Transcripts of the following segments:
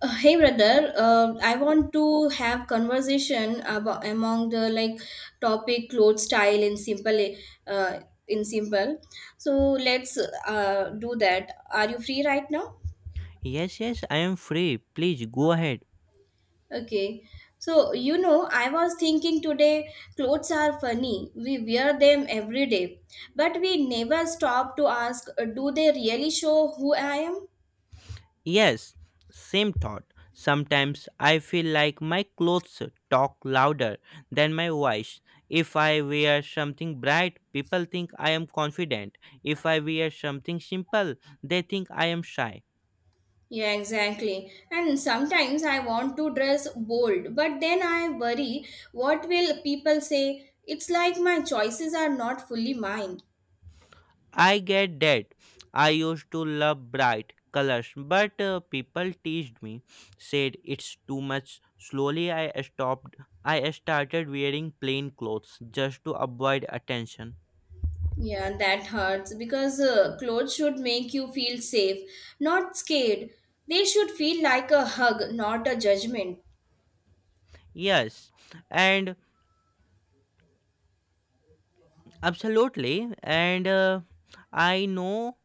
Hey brother, I want to have conversation about among the like topic clothes style in simple uh, in simple. So let's do that. Are you free right now? Yes, yes, I am free. Please go ahead. Okay. So you know, I was thinking today clothes are funny. We wear them every day, but we never stop to ask, do they really show who I am? Yes, same thought. Sometimes I feel like my clothes talk louder than my voice. If I wear something bright, people think I am confident. If I wear something simple, they think I am shy. Yeah, exactly. And sometimes I want to dress bold, but then I worry what will people say? It's like my choices are not fully mine. I get that. I used to love bright colors, but people teased me, said it's too much. Slowly, I stopped. I started wearing plain clothes just to avoid attention. Yeah, that hurts because clothes should make you feel safe, not scared. They should feel like a hug, not a judgment. Yes, and absolutely. And I know.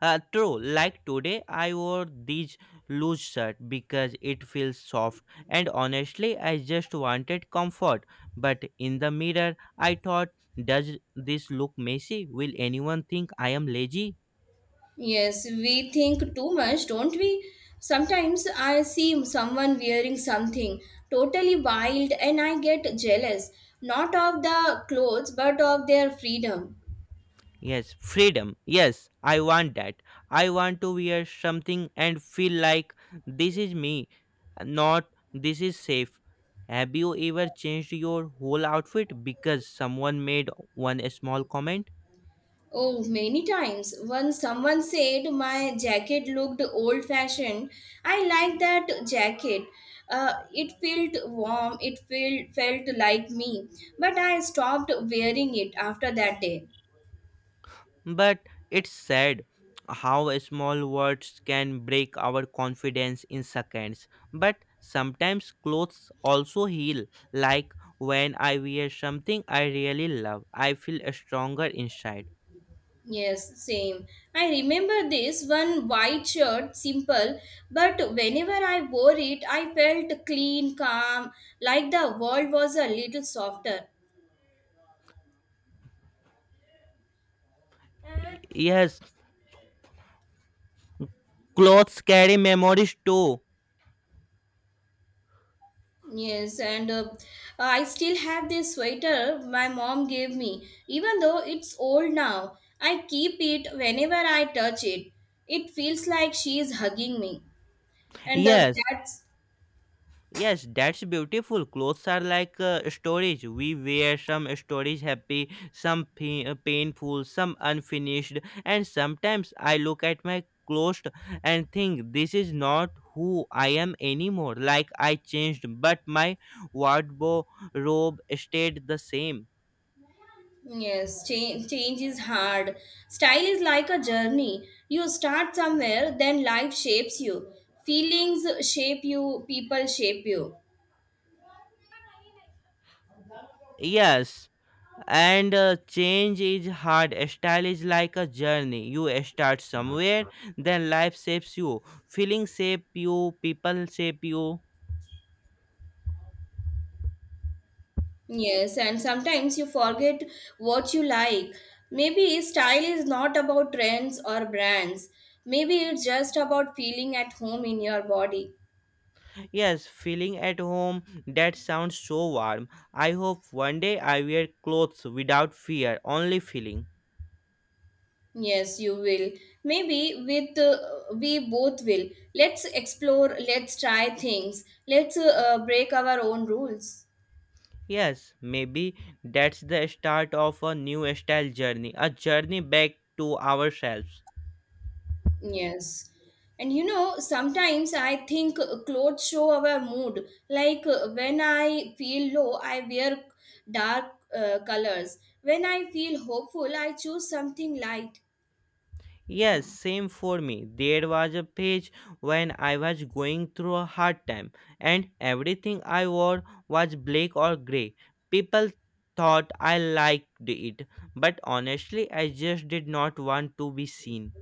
True. Like today, I wore these loose shirt because it feels soft, and honestly, I just wanted comfort. But in the mirror, I thought, does this look messy? Will anyone think I am lazy? Yes, we think too much, don't we? Sometimes I see someone wearing something totally wild and I get jealous, not of the clothes but of their freedom. Yes, freedom. Yes, I want that. I want to wear something and feel like this is me, not this is safe. Have you ever changed your whole outfit because someone made one small comment? Oh, many times when someone said my jacket looked old fashioned, I liked that jacket. It felt warm, it felt like me, but I stopped wearing it after that day. But it's sad how small words can break our confidence in seconds. But sometimes clothes also heal. Like when I wear something I really love, I feel stronger inside. Yes, same. I remember this one white shirt, simple, but whenever I wore it, I felt clean, calm, like the world was a little softer. Yes, clothes carry memories too. Yes, and I still have this sweater my mom gave me, even though it's old now. I keep it whenever I touch it. It feels like she is hugging me. And Yes, that's yes, that's beautiful. Clothes are like storage. We wear some storage happy, some painful, some unfinished, and sometimes I look at my clothes and think this is not who I am anymore. Like I changed, but my wardrobe stayed the same. Yes, change is hard. Style is like a journey. You start somewhere, then life shapes you. Feelings shape you, people shape you. Yes. And change is hard. Style is like a journey. You start somewhere, then life shapes you. Feeling shape you, people shape you. Yes, and sometimes you forget what you like. Maybe style is not about trends or brands. Maybe it's just about feeling at home in your body. Yes, feeling at home, that sounds so warm. I hope one day I wear clothes without fear, only feeling. Yes, you will. Maybe with we both will. Let's explore, let's try things. Let's break our own rules. Yes, maybe that's the start of a new style journey, a journey back to ourselves. Yes. And you know, sometimes I think clothes show our mood. Like when I feel low, I wear dark colors. When I feel hopeful, I choose something light. Yes, same for me. There was a page when I was going through a hard time, and everything I wore was black or gray. People thought I liked it, but honestly, I just did not want to be seen.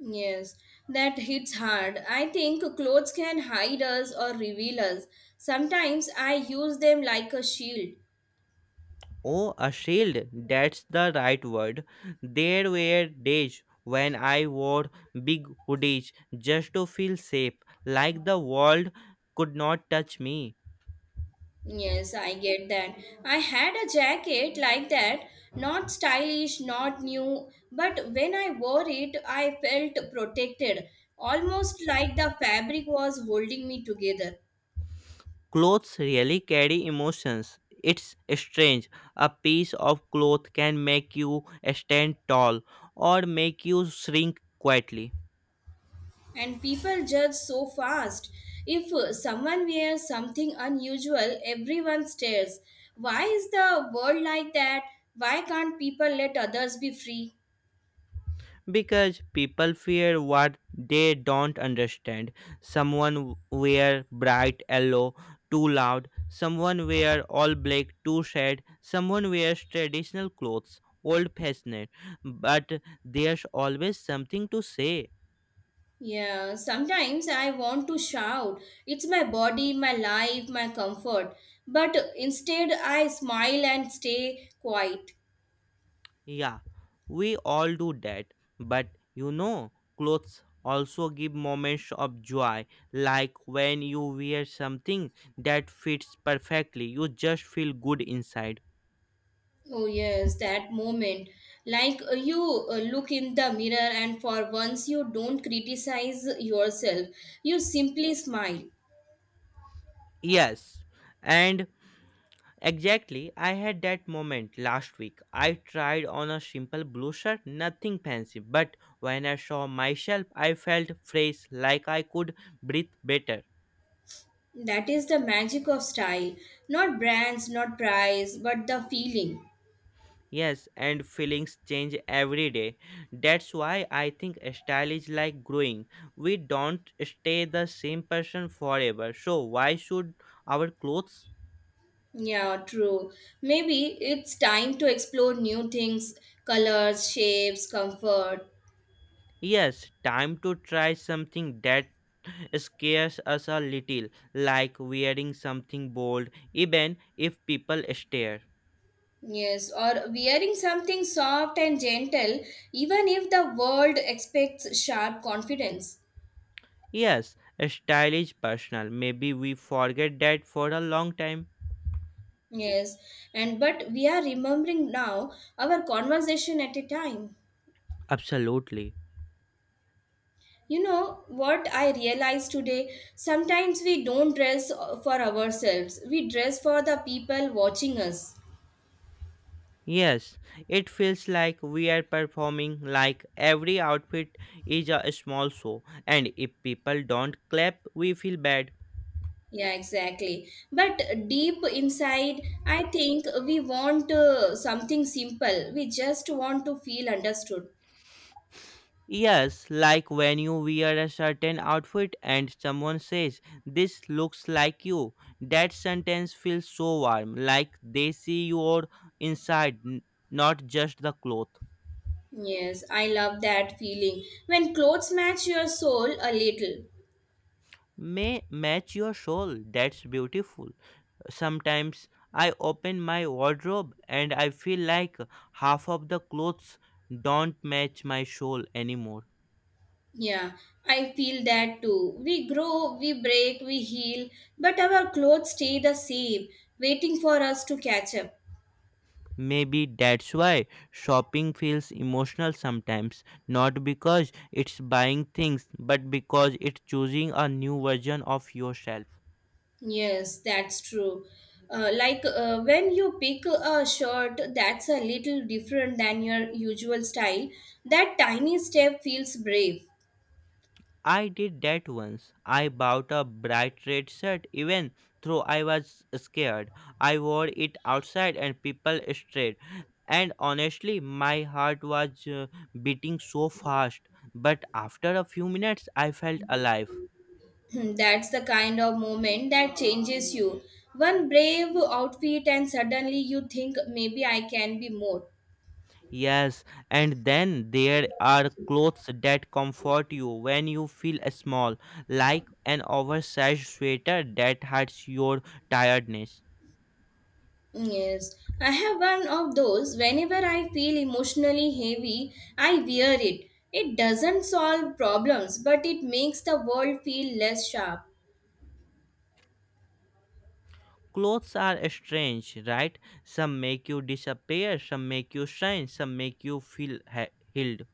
Yes, that hits hard. I think clothes can hide us or reveal us. Sometimes I use them like a shield. Oh, a shield, that's the right word. There were days when I wore big hoodies just to feel safe, like the world could not touch me. Yes, I get that. I had a jacket like that, not stylish, not new, but when I wore it, I felt protected, almost like the fabric was holding me together. Clothes really carry emotions. It's strange. A piece of cloth can make you stand tall or make you shrink quietly And people judge so fast. If someone wears something unusual, everyone stares. Why is the world like that? Why can't people let others be free? because people fear what they don't understand. Someone wear bright yellow too loud, someone wear all black too sad, someone wears traditional clothes old fashioned, but there's always something to say. Yeah, sometimes I want to shout, it's my body, my life, my comfort. But instead, I smile and stay quiet. Yeah, we all do that. But you know, clothes also give moments of joy, like when you wear something that fits perfectly, you just feel good inside. Oh, yes, that moment. Like you look in the mirror, and for once, you don't criticize yourself. You simply smile. Yes, and exactly, I had that moment last week. I tried on a simple blue shirt, nothing fancy, but when I saw myself, I felt fresh, like I could breathe better. That is the magic of style. Not brands, not price, but the feeling. Yes, and feelings change every day. That's why I think style is like growing. We don't stay the same person forever. So why should our clothes? Yeah, true. Maybe it's time to explore new things, colors, shapes, comfort. Yes, time to try something that scares us a little, like wearing something bold, even if people stare. Yes, or wearing something soft and gentle, even if the world expects sharp confidence. Yes, style is personal. Maybe we forget that for a long time. Yes, and but we are remembering now our conversation at a time. Absolutely. You know what I realized today? Sometimes we don't dress for ourselves, we dress for the people watching us. Yes, it feels like we are performing, like every outfit is a small show, and if people don't clap, we feel bad. Yeah, exactly. But deep inside, I think we want something simple. We just want to feel understood. Yes, like when you wear a certain outfit and someone says, "This looks like you." That sentence feels so warm, like they see your inside, not just the cloth. Yes, I love that feeling. When clothes match your soul a little. May match your soul. That's beautiful. Sometimes I open my wardrobe and I feel like half of the clothes don't match my soul anymore. Yeah, I feel that too. We grow, we break, we heal, but our clothes stay the same, waiting for us to catch up. Maybe that's why shopping feels emotional sometimes, not because it's buying things, but because it's choosing a new version of yourself. Yes, that's true. Like when you pick a shirt that's a little different than your usual style, that tiny step feels brave. I did that once. I bought a bright red shirt even though I was scared. I wore it outside and people stared. And honestly, my heart was beating so fast. But after a few minutes, I felt alive. That's the kind of moment that changes you. One brave outfit, and suddenly you think maybe I can be more. Yes, and then there are clothes that comfort you when you feel small, like an oversized sweater that hides your tiredness. Yes, I have one of those. Whenever I feel emotionally heavy, I wear it. It doesn't solve problems, but it makes the world feel less sharp. Clothes are strange, right? Some make you disappear, some make you shine, some make you feel healed.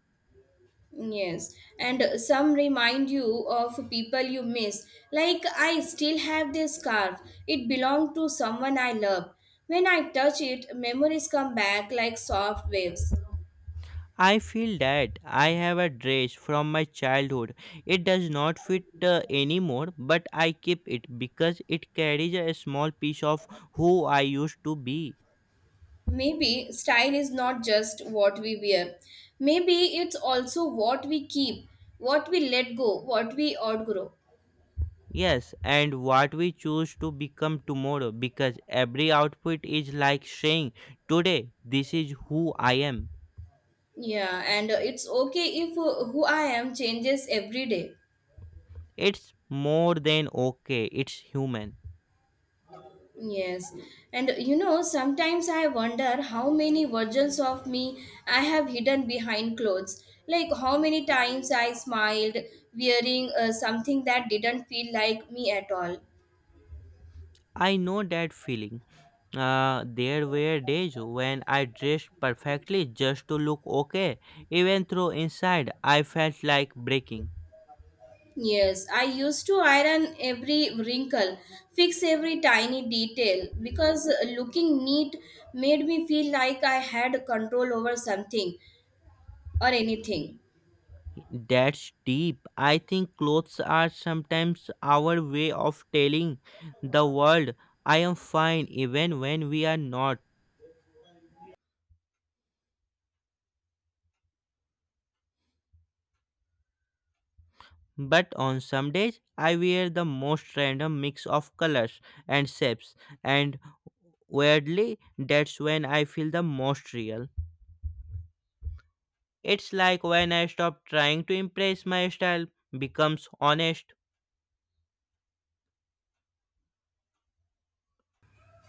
Yes, and some remind you of people you miss. Like, I still have this scarf. It belonged to someone I love. When I touch it, memories come back like soft waves. I feel that I have a dress from my childhood. It does not fit anymore, but I keep it because it carries a small piece of who I used to be. Maybe style is not just what we wear, maybe it's also what we keep, what we let go, what we outgrow. Yes, and what we choose to become tomorrow, because every outfit is like saying, "Today, this is who I am." Yeah, and it's okay if who I am changes every day. It's more than okay, it's human. Yes, and you know, sometimes I wonder how many versions of me I have hidden behind clothes. Like how many times I smiled wearing something that didn't feel like me at all. I know that feeling. There were days when I dressed perfectly just to look okay, even though inside I felt like breaking. Yes, I used to iron every wrinkle, fix every tiny detail because looking neat made me feel like I had control over something or anything. That's deep. I think clothes are sometimes our way of telling the world I am fine even when we are not. But on some days, I wear the most random mix of colors and shapes, and weirdly, that's when I feel the most real. It's like when I stop trying to impress, my style becomes honest.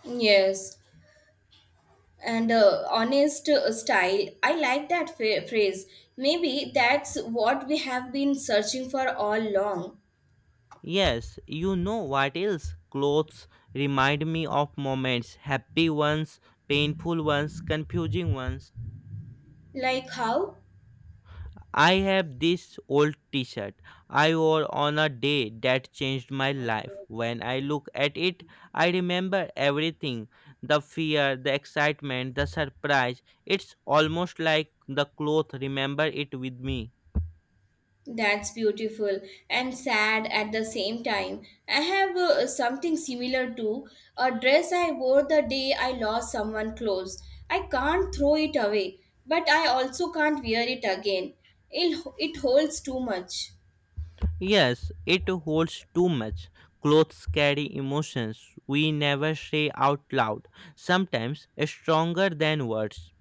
Yes. and Honest style. I like that phrase. Maybe that's what we have been searching for all along. Yes, you know what else? Clothes remind me of moments, happy ones, painful ones, confusing ones. Like how? I have this old t-shirt I wore on a day that changed my life. When I look at it, I remember everything. The fear, the excitement, the surprise. It's almost like the clothes remember it with me. That's beautiful and sad at the same time. I have something similar to a dress I wore the day I lost someone close. I can't throw it away, but I also can't wear it again. It holds too much. Yes, it holds too much. Clothes carry emotions we never say out loud, sometimes stronger than words.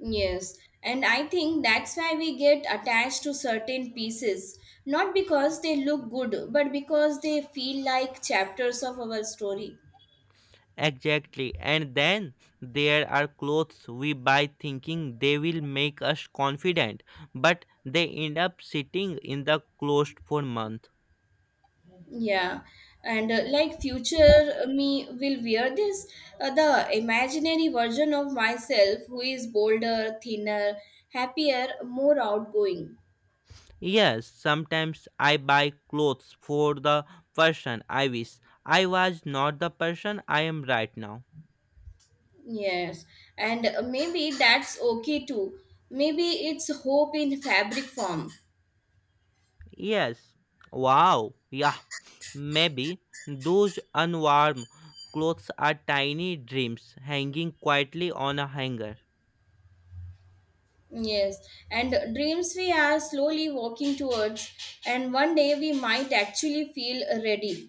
Yes, and I think that's why we get attached to certain pieces, not because they look good, but because they feel like chapters of our story. Exactly, and then there are clothes we buy thinking they will make us confident, but they end up sitting in the closet for months. Yeah, and like future me will wear this, the imaginary version of myself who is bolder, thinner, happier, more outgoing. Yes, sometimes I buy clothes for the person I wish I was, not the person I am right now. Yes, and maybe that's okay too. Maybe it's hope in fabric form. Yes. Wow. Yeah. Maybe those unwarm clothes are tiny dreams hanging quietly on a hanger. Yes, and dreams we are slowly walking towards, and one day we might actually feel ready.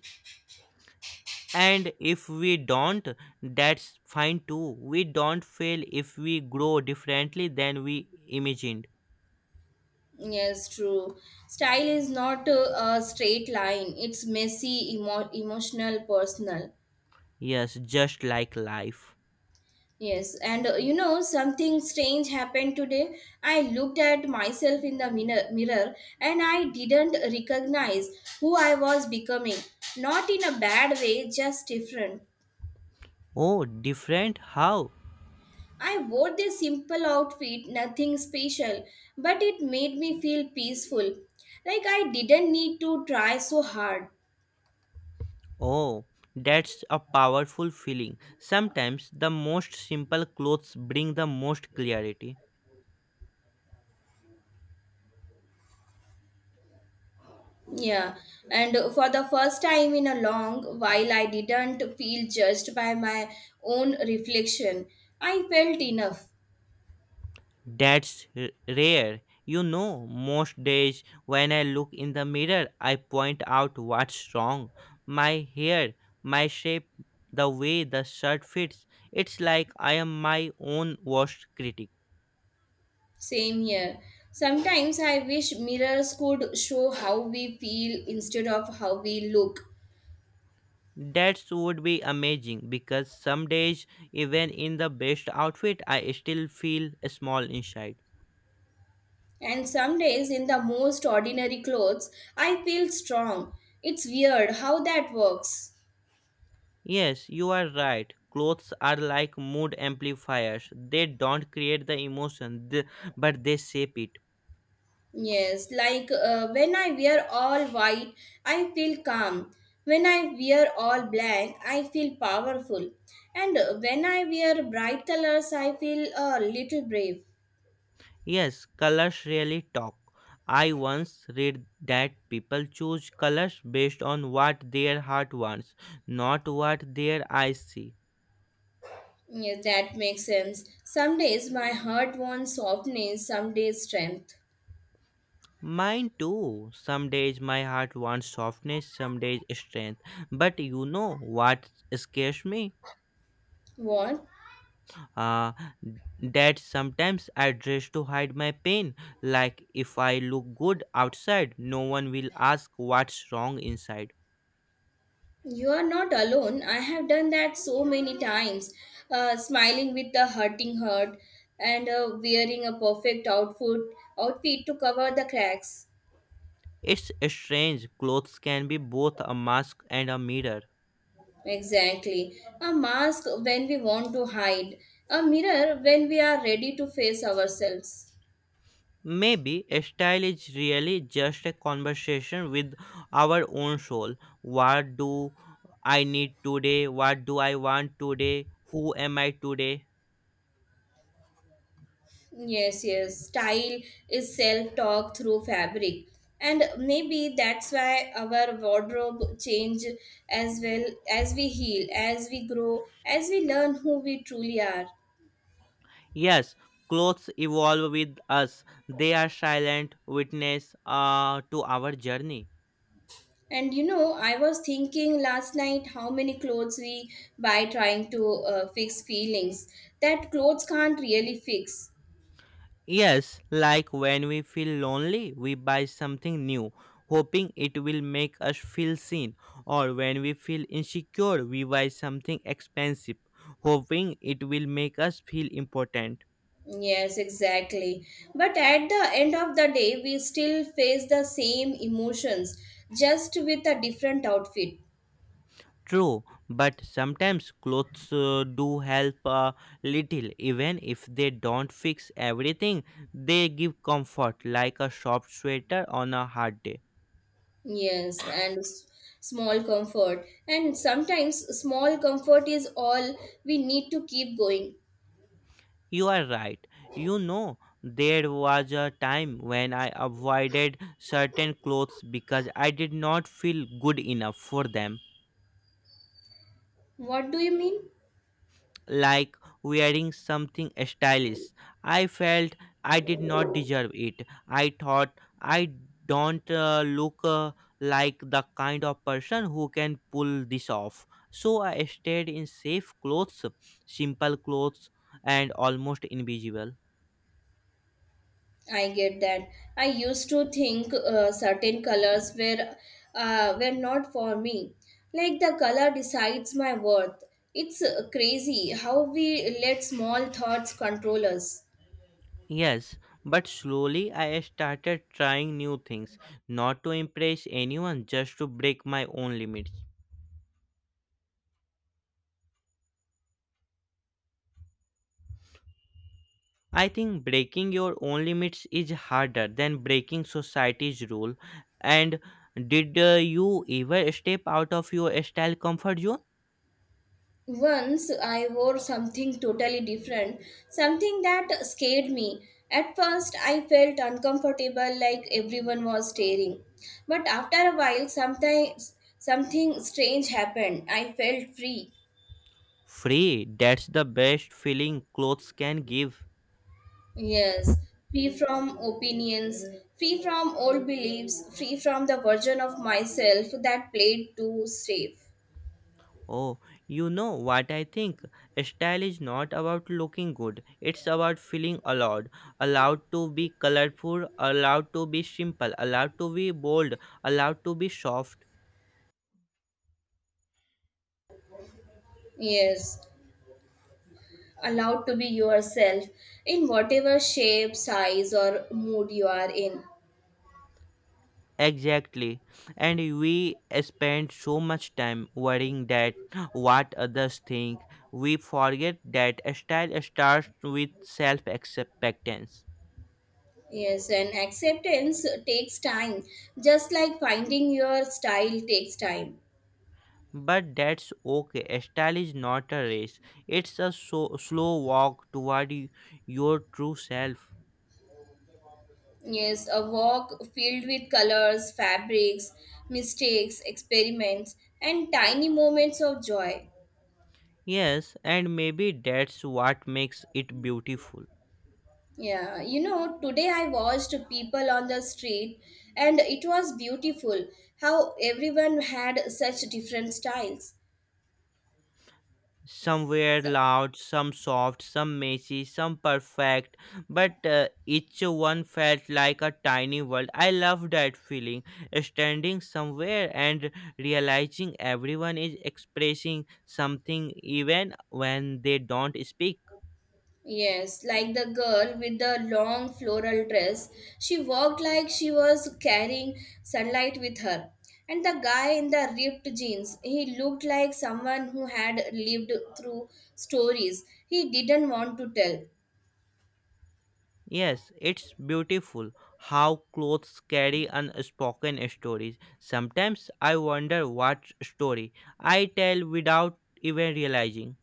And if we don't, that's fine too. We don't fail if we grow differently than we imagined. Yes, true. Style is not a straight line, it's messy, emotional, personal. Yes, just like life. Yes, and you know, something strange happened today. I looked at myself in the mirror and I didn't recognize who I was becoming. Not in a bad way, just different. Oh, different? How? I wore this simple outfit, nothing special, but it made me feel peaceful. Like I didn't need to try so hard. Oh, that's a powerful feeling. Sometimes the most simple clothes bring the most clarity. Yeah, and for the first time in a long while, I didn't feel judged by my own reflection. I felt enough. That's rare. You know, most days when I look in the mirror, I point out what's wrong. My hair, my shape, the way the shirt fits. It's like I am my own worst critic. Same here. Sometimes I wish mirrors could show how we feel instead of how we look. That would be amazing, because some days, even in the best outfit, I still feel small inside. And some days, in the most ordinary clothes, I feel strong. It's weird how that works. Yes, you are right. Clothes are like mood amplifiers. They don't create the emotion, but they shape it. Yes, like when I wear all white, I feel calm. When I wear all black, I feel powerful. And when I wear bright colors, I feel a little brave. Yes, colors really talk. I once read that people choose colors based on what their heart wants, not what their eyes see. Yes, that makes sense. Some days my heart wants softness, some days strength. Mine too. Some days my heart wants softness, some days strength. But you know what scares me? What? Uh, that sometimes I dress to hide my pain. Like if I look good outside, no one will ask what's wrong inside. You are not alone. I have done that so many times. Smiling with the hurting heart and wearing a perfect outfit to cover the cracks. It's strange, clothes can be both a mask and a mirror. Exactly. A mask when we want to hide, a mirror when we are ready to face ourselves. Maybe style is really just a conversation with our own soul. What do I need today? What do I want today? Who am I today? Yes, yes. Style is self talk through fabric. And maybe that's why our wardrobe change as well as we heal, as we grow, as we learn who we truly are. Yes, clothes evolve with us, they are silent witness to our journey. And you know, I was thinking last night how many clothes we buy trying to fix feelings that clothes can't really fix. Yes, like when we feel lonely, we buy something new, hoping it will make us feel seen. Or when we feel insecure, we buy something expensive, hoping it will make us feel important. Yes, exactly. But at the end of the day, we still face the same emotions just with a different outfit. True, but sometimes clothes do help a little. Even if they don't fix everything, they give comfort, like a soft sweater on a hard day. Yes, and small comfort. And sometimes small comfort is all we need to keep going. You are right. You know, there was a time when I avoided certain clothes because I did not feel good enough for them. What do you mean? Like wearing something stylish. I felt I did not deserve it. I thought I don't look like the kind of person who can pull this off. So I stayed in safe clothes, simple clothes, and almost invisible. I get that. I used to think certain colors were not for me. Like the color decides my worth. It's crazy how we let small thoughts control us. Yes, but slowly I started trying new things, not to impress anyone, just to break my own limits. I think breaking your own limits is harder than breaking society's rule. And did you ever step out of your style comfort zone? Once I wore something totally different, something that scared me. At first, I felt uncomfortable like everyone was staring. But after a while, sometimes something strange happened. I felt free. Free, that's the best feeling clothes can give. Yes, free from opinions, free from old beliefs, free from the version of myself that played too safe. Oh, you know what I think? Style is not about looking good. It's about feeling allowed. Allowed to be colorful, allowed to be simple, allowed to be bold, allowed to be soft. Yes, allowed to be yourself in whatever shape, size, or mood you are in. Exactly. And we spend so much time worrying that what others think. We forget that style starts with self acceptance. Yes, and acceptance takes time, just like finding your style takes time. But that's okay. Style is not a race, it's a slow walk toward your true self. Yes, a walk filled with colors, fabrics, mistakes, experiments, and tiny moments of joy. Yes, and maybe that's what makes it beautiful. Yeah, you know, today I watched people on the street and it was beautiful how everyone had such different styles. Somewhere So, loud, some soft, some messy, some perfect, but each one felt like a tiny world. I love that feeling, standing somewhere and realizing everyone is expressing something even when they don't speak. yes, like the girl with the long floral dress. She walked like she was carrying sunlight with her. And the guy in the ripped jeans, he looked like someone who had lived through stories he didn't want to tell. Yes, it's beautiful how clothes carry unspoken stories. Sometimes I wonder what story I tell without even realizing.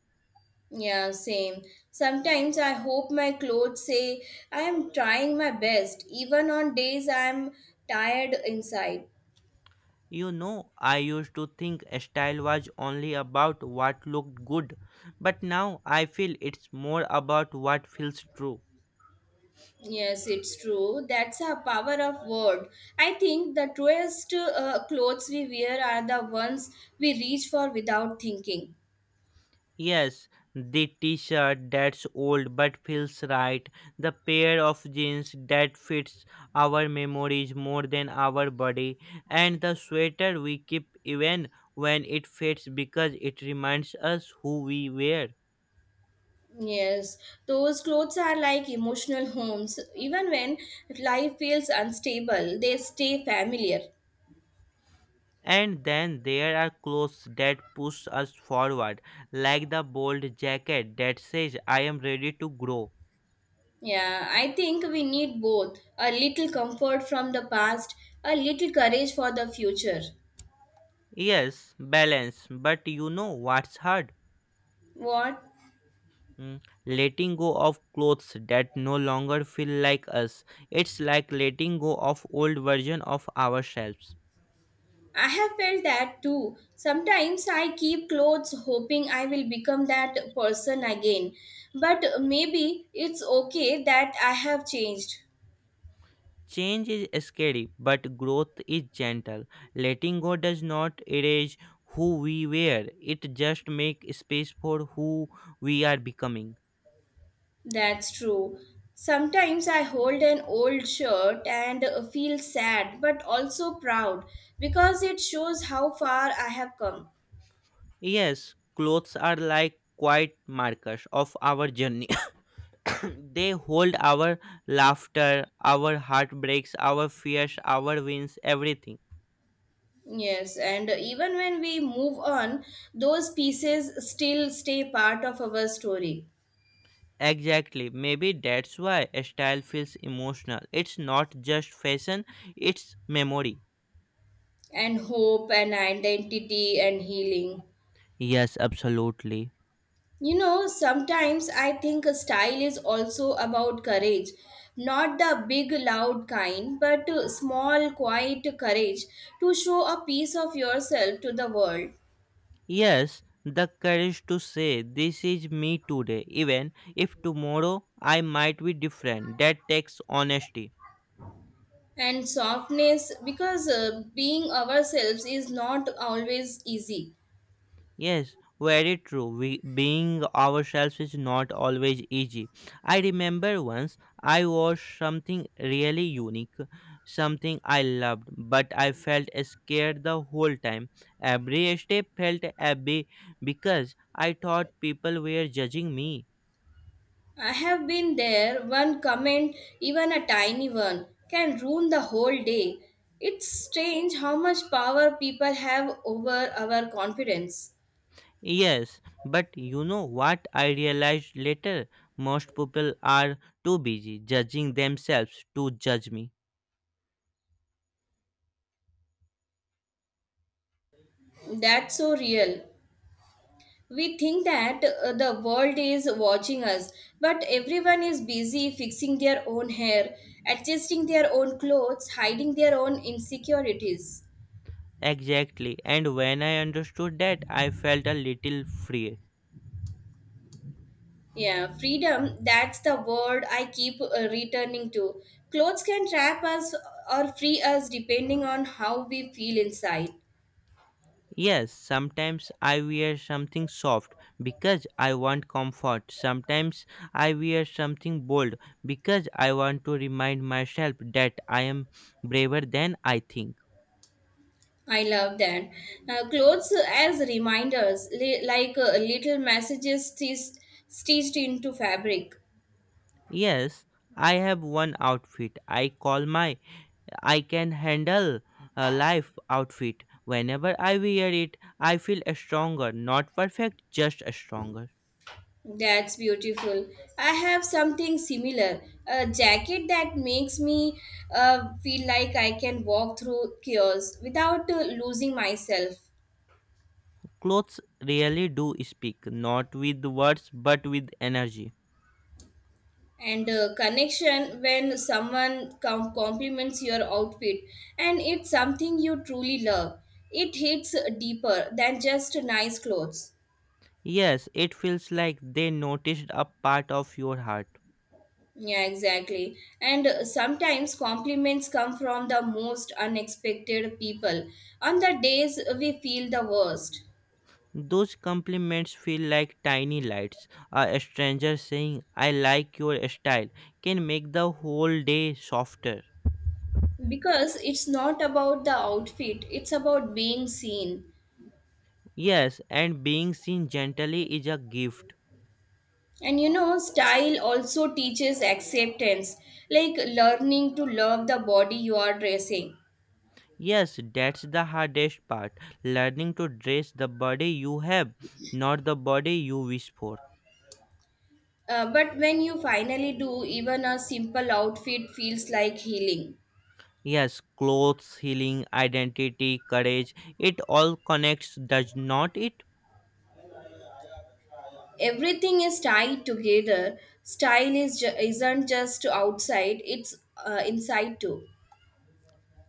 Yeah, same. Sometimes I hope my clothes say I am trying my best, even on days I am tired inside. You know, I used to think style was only about what looked good, but now I feel it's more about what feels true. Yes, it's true. That's a power of word. I think the truest clothes we wear are the ones we reach for without thinking. Yes, the t-shirt that's old but feels right, the pair of jeans that fits our memories more than our body, and the sweater we keep even when it fits because it reminds us who we were. Yes, those clothes are like emotional homes. Even when life feels unstable, they stay familiar. And then there are clothes that push us forward, like the bold jacket that says, I am ready to grow. Yeah, I think we need both a little comfort from the past, a little courage for the future. Yes, balance, but you know what's hard? What? Mm, Letting go of clothes that no longer feel like us. It's like letting go of old version of ourselves. I have felt that too. Sometimes I keep clothes hoping I will become that person again. But maybe it's okay that I have changed. Change is scary, but growth is gentle. Letting go does not erase who we were. It just makes space for who we are becoming. That's true. Sometimes I hold an old shirt and feel sad but also proud because it shows how far I have come. Yes, clothes are like quiet markers of our journey. They hold our laughter, our heartbreaks, our fears, our wins, everything. Yes, and even when we move on, those pieces still stay part of our story Exactly. Maybe that's why style feels emotional. It's not just fashion, it's memory. and hope and identity and healing. Yes, absolutely. You know, sometimes I think a style is also about courage. Not the big, loud kind, but small, quiet courage to show a piece of yourself to the world. Yes, the courage to say, this is me today, even if tomorrow I might be different. That takes honesty. And softness, because being ourselves is not always easy. Yes, very true. We, being ourselves is not always easy. I remember once I was something really unique, something I loved, but I felt scared the whole time. Every step felt abby because I thought people were judging me. I have been there, one comment, even a tiny one, can ruin the whole day. It's strange how much power people have over our confidence. Yes, but you know what I realized later? Most people are too busy judging themselves to judge me. That's so real. We think that the world is watching us, but everyone is busy fixing their own hair, adjusting their own clothes, hiding their own insecurities. Exactly. And when I understood that, I felt a little free. Yeah, freedom, that's the word I keep returning to. Clothes can trap us or free us depending on how we feel inside. Yes, sometimes I wear something soft because I want comfort. Sometimes I wear something bold because I want to remind myself that I am braver than I think. I love that. Clothes as reminders, like little messages stitched into fabric. Yes, I have one outfit I call my I can handle a life outfit. Whenever I wear it, I feel stronger, not perfect, just stronger. That's beautiful. I have something similar. A jacket that makes me feel like I can walk through chaos without losing myself. Clothes really do speak, not with words but with energy. And connection when someone compliments your outfit and it's something you truly love. It hits deeper than just nice clothes. Yes, it feels like they noticed a part of your heart. Yeah, exactly. And sometimes compliments come from the most unexpected people on the days we feel the worst. Those compliments feel like tiny lights. A stranger saying, I like your style, can make the whole day softer. Because it's not about the outfit, it's about being seen. Yes, and being seen gently is a gift. And you know, style also teaches acceptance, like learning to love the body you are dressing. Yes, that's the hardest part, learning to dress the body you have, not the body you wish for. But when you finally do, even a simple outfit feels like healing. Yes, clothes, healing, identity, courage, it all connects, does not it? Everything is tied together. Style isn't just outside, it's inside too.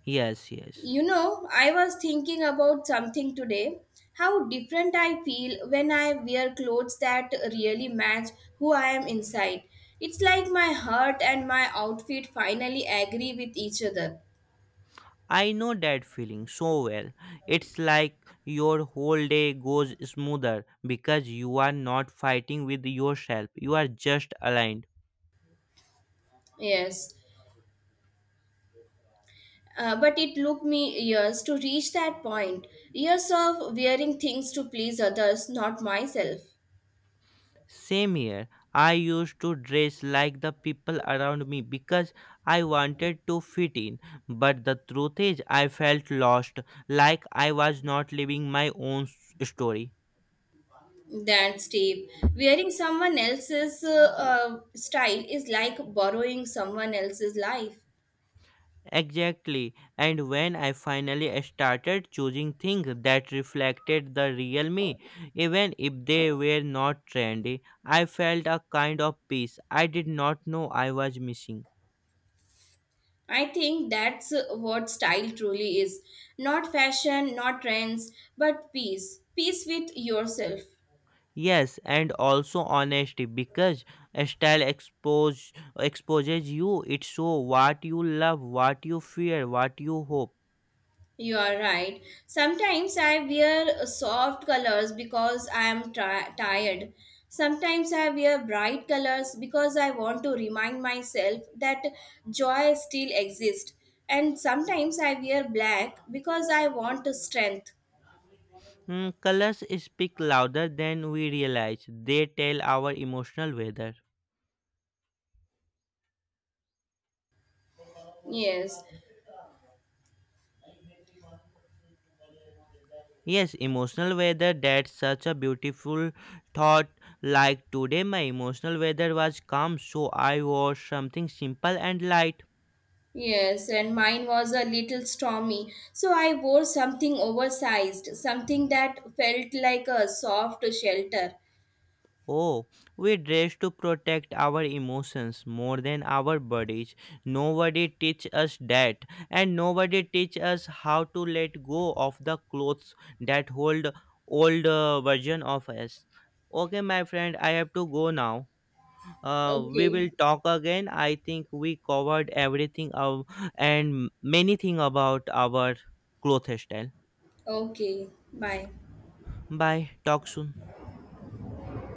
Yes, yes. You know, I was thinking about something today. How different I feel when I wear clothes that really match who I am inside. It's like my heart and my outfit finally agree with each other. I know that feeling so well. It's like your whole day goes smoother because you are not fighting with yourself, you are just aligned. Yes. But it took me years to reach that point. Years of wearing things to please others, not myself. Same here, I used to dress like the people around me because I wanted to fit in, but the truth is, I felt lost, like I was not living my own story. That's deep. Wearing someone else's style is like borrowing someone else's life. Exactly. And when I finally started choosing things that reflected the real me, even if they were not trendy, I felt a kind of peace I did not know I was missing. I think that's what style truly is. Not fashion, not trends, but peace. Peace with yourself. Yes, and also honesty because style exposes you. It show what you love, what you fear, what you hope. You are right. Sometimes I wear soft colors because I am tired. Sometimes I wear bright colors because I want to remind myself that joy still exists. And sometimes I wear black because I want strength. Mm, colors speak louder than we realize. They tell our emotional weather. Yes. Yes, emotional weather. That's such a beautiful thought. Like today, my emotional weather was calm, so I wore something simple and light. Yes, and mine was a little stormy, so I wore something oversized, something that felt like a soft shelter. Oh, we dress to protect our emotions more than our bodies. Nobody teach us that, and nobody teach us how to let go of the clothes that hold old version of us. Okay, my friend, I have to go now. We Okay, will talk again. I think we covered everything of, and many thing about our cloth style. okay, bye. Bye. Talk soon.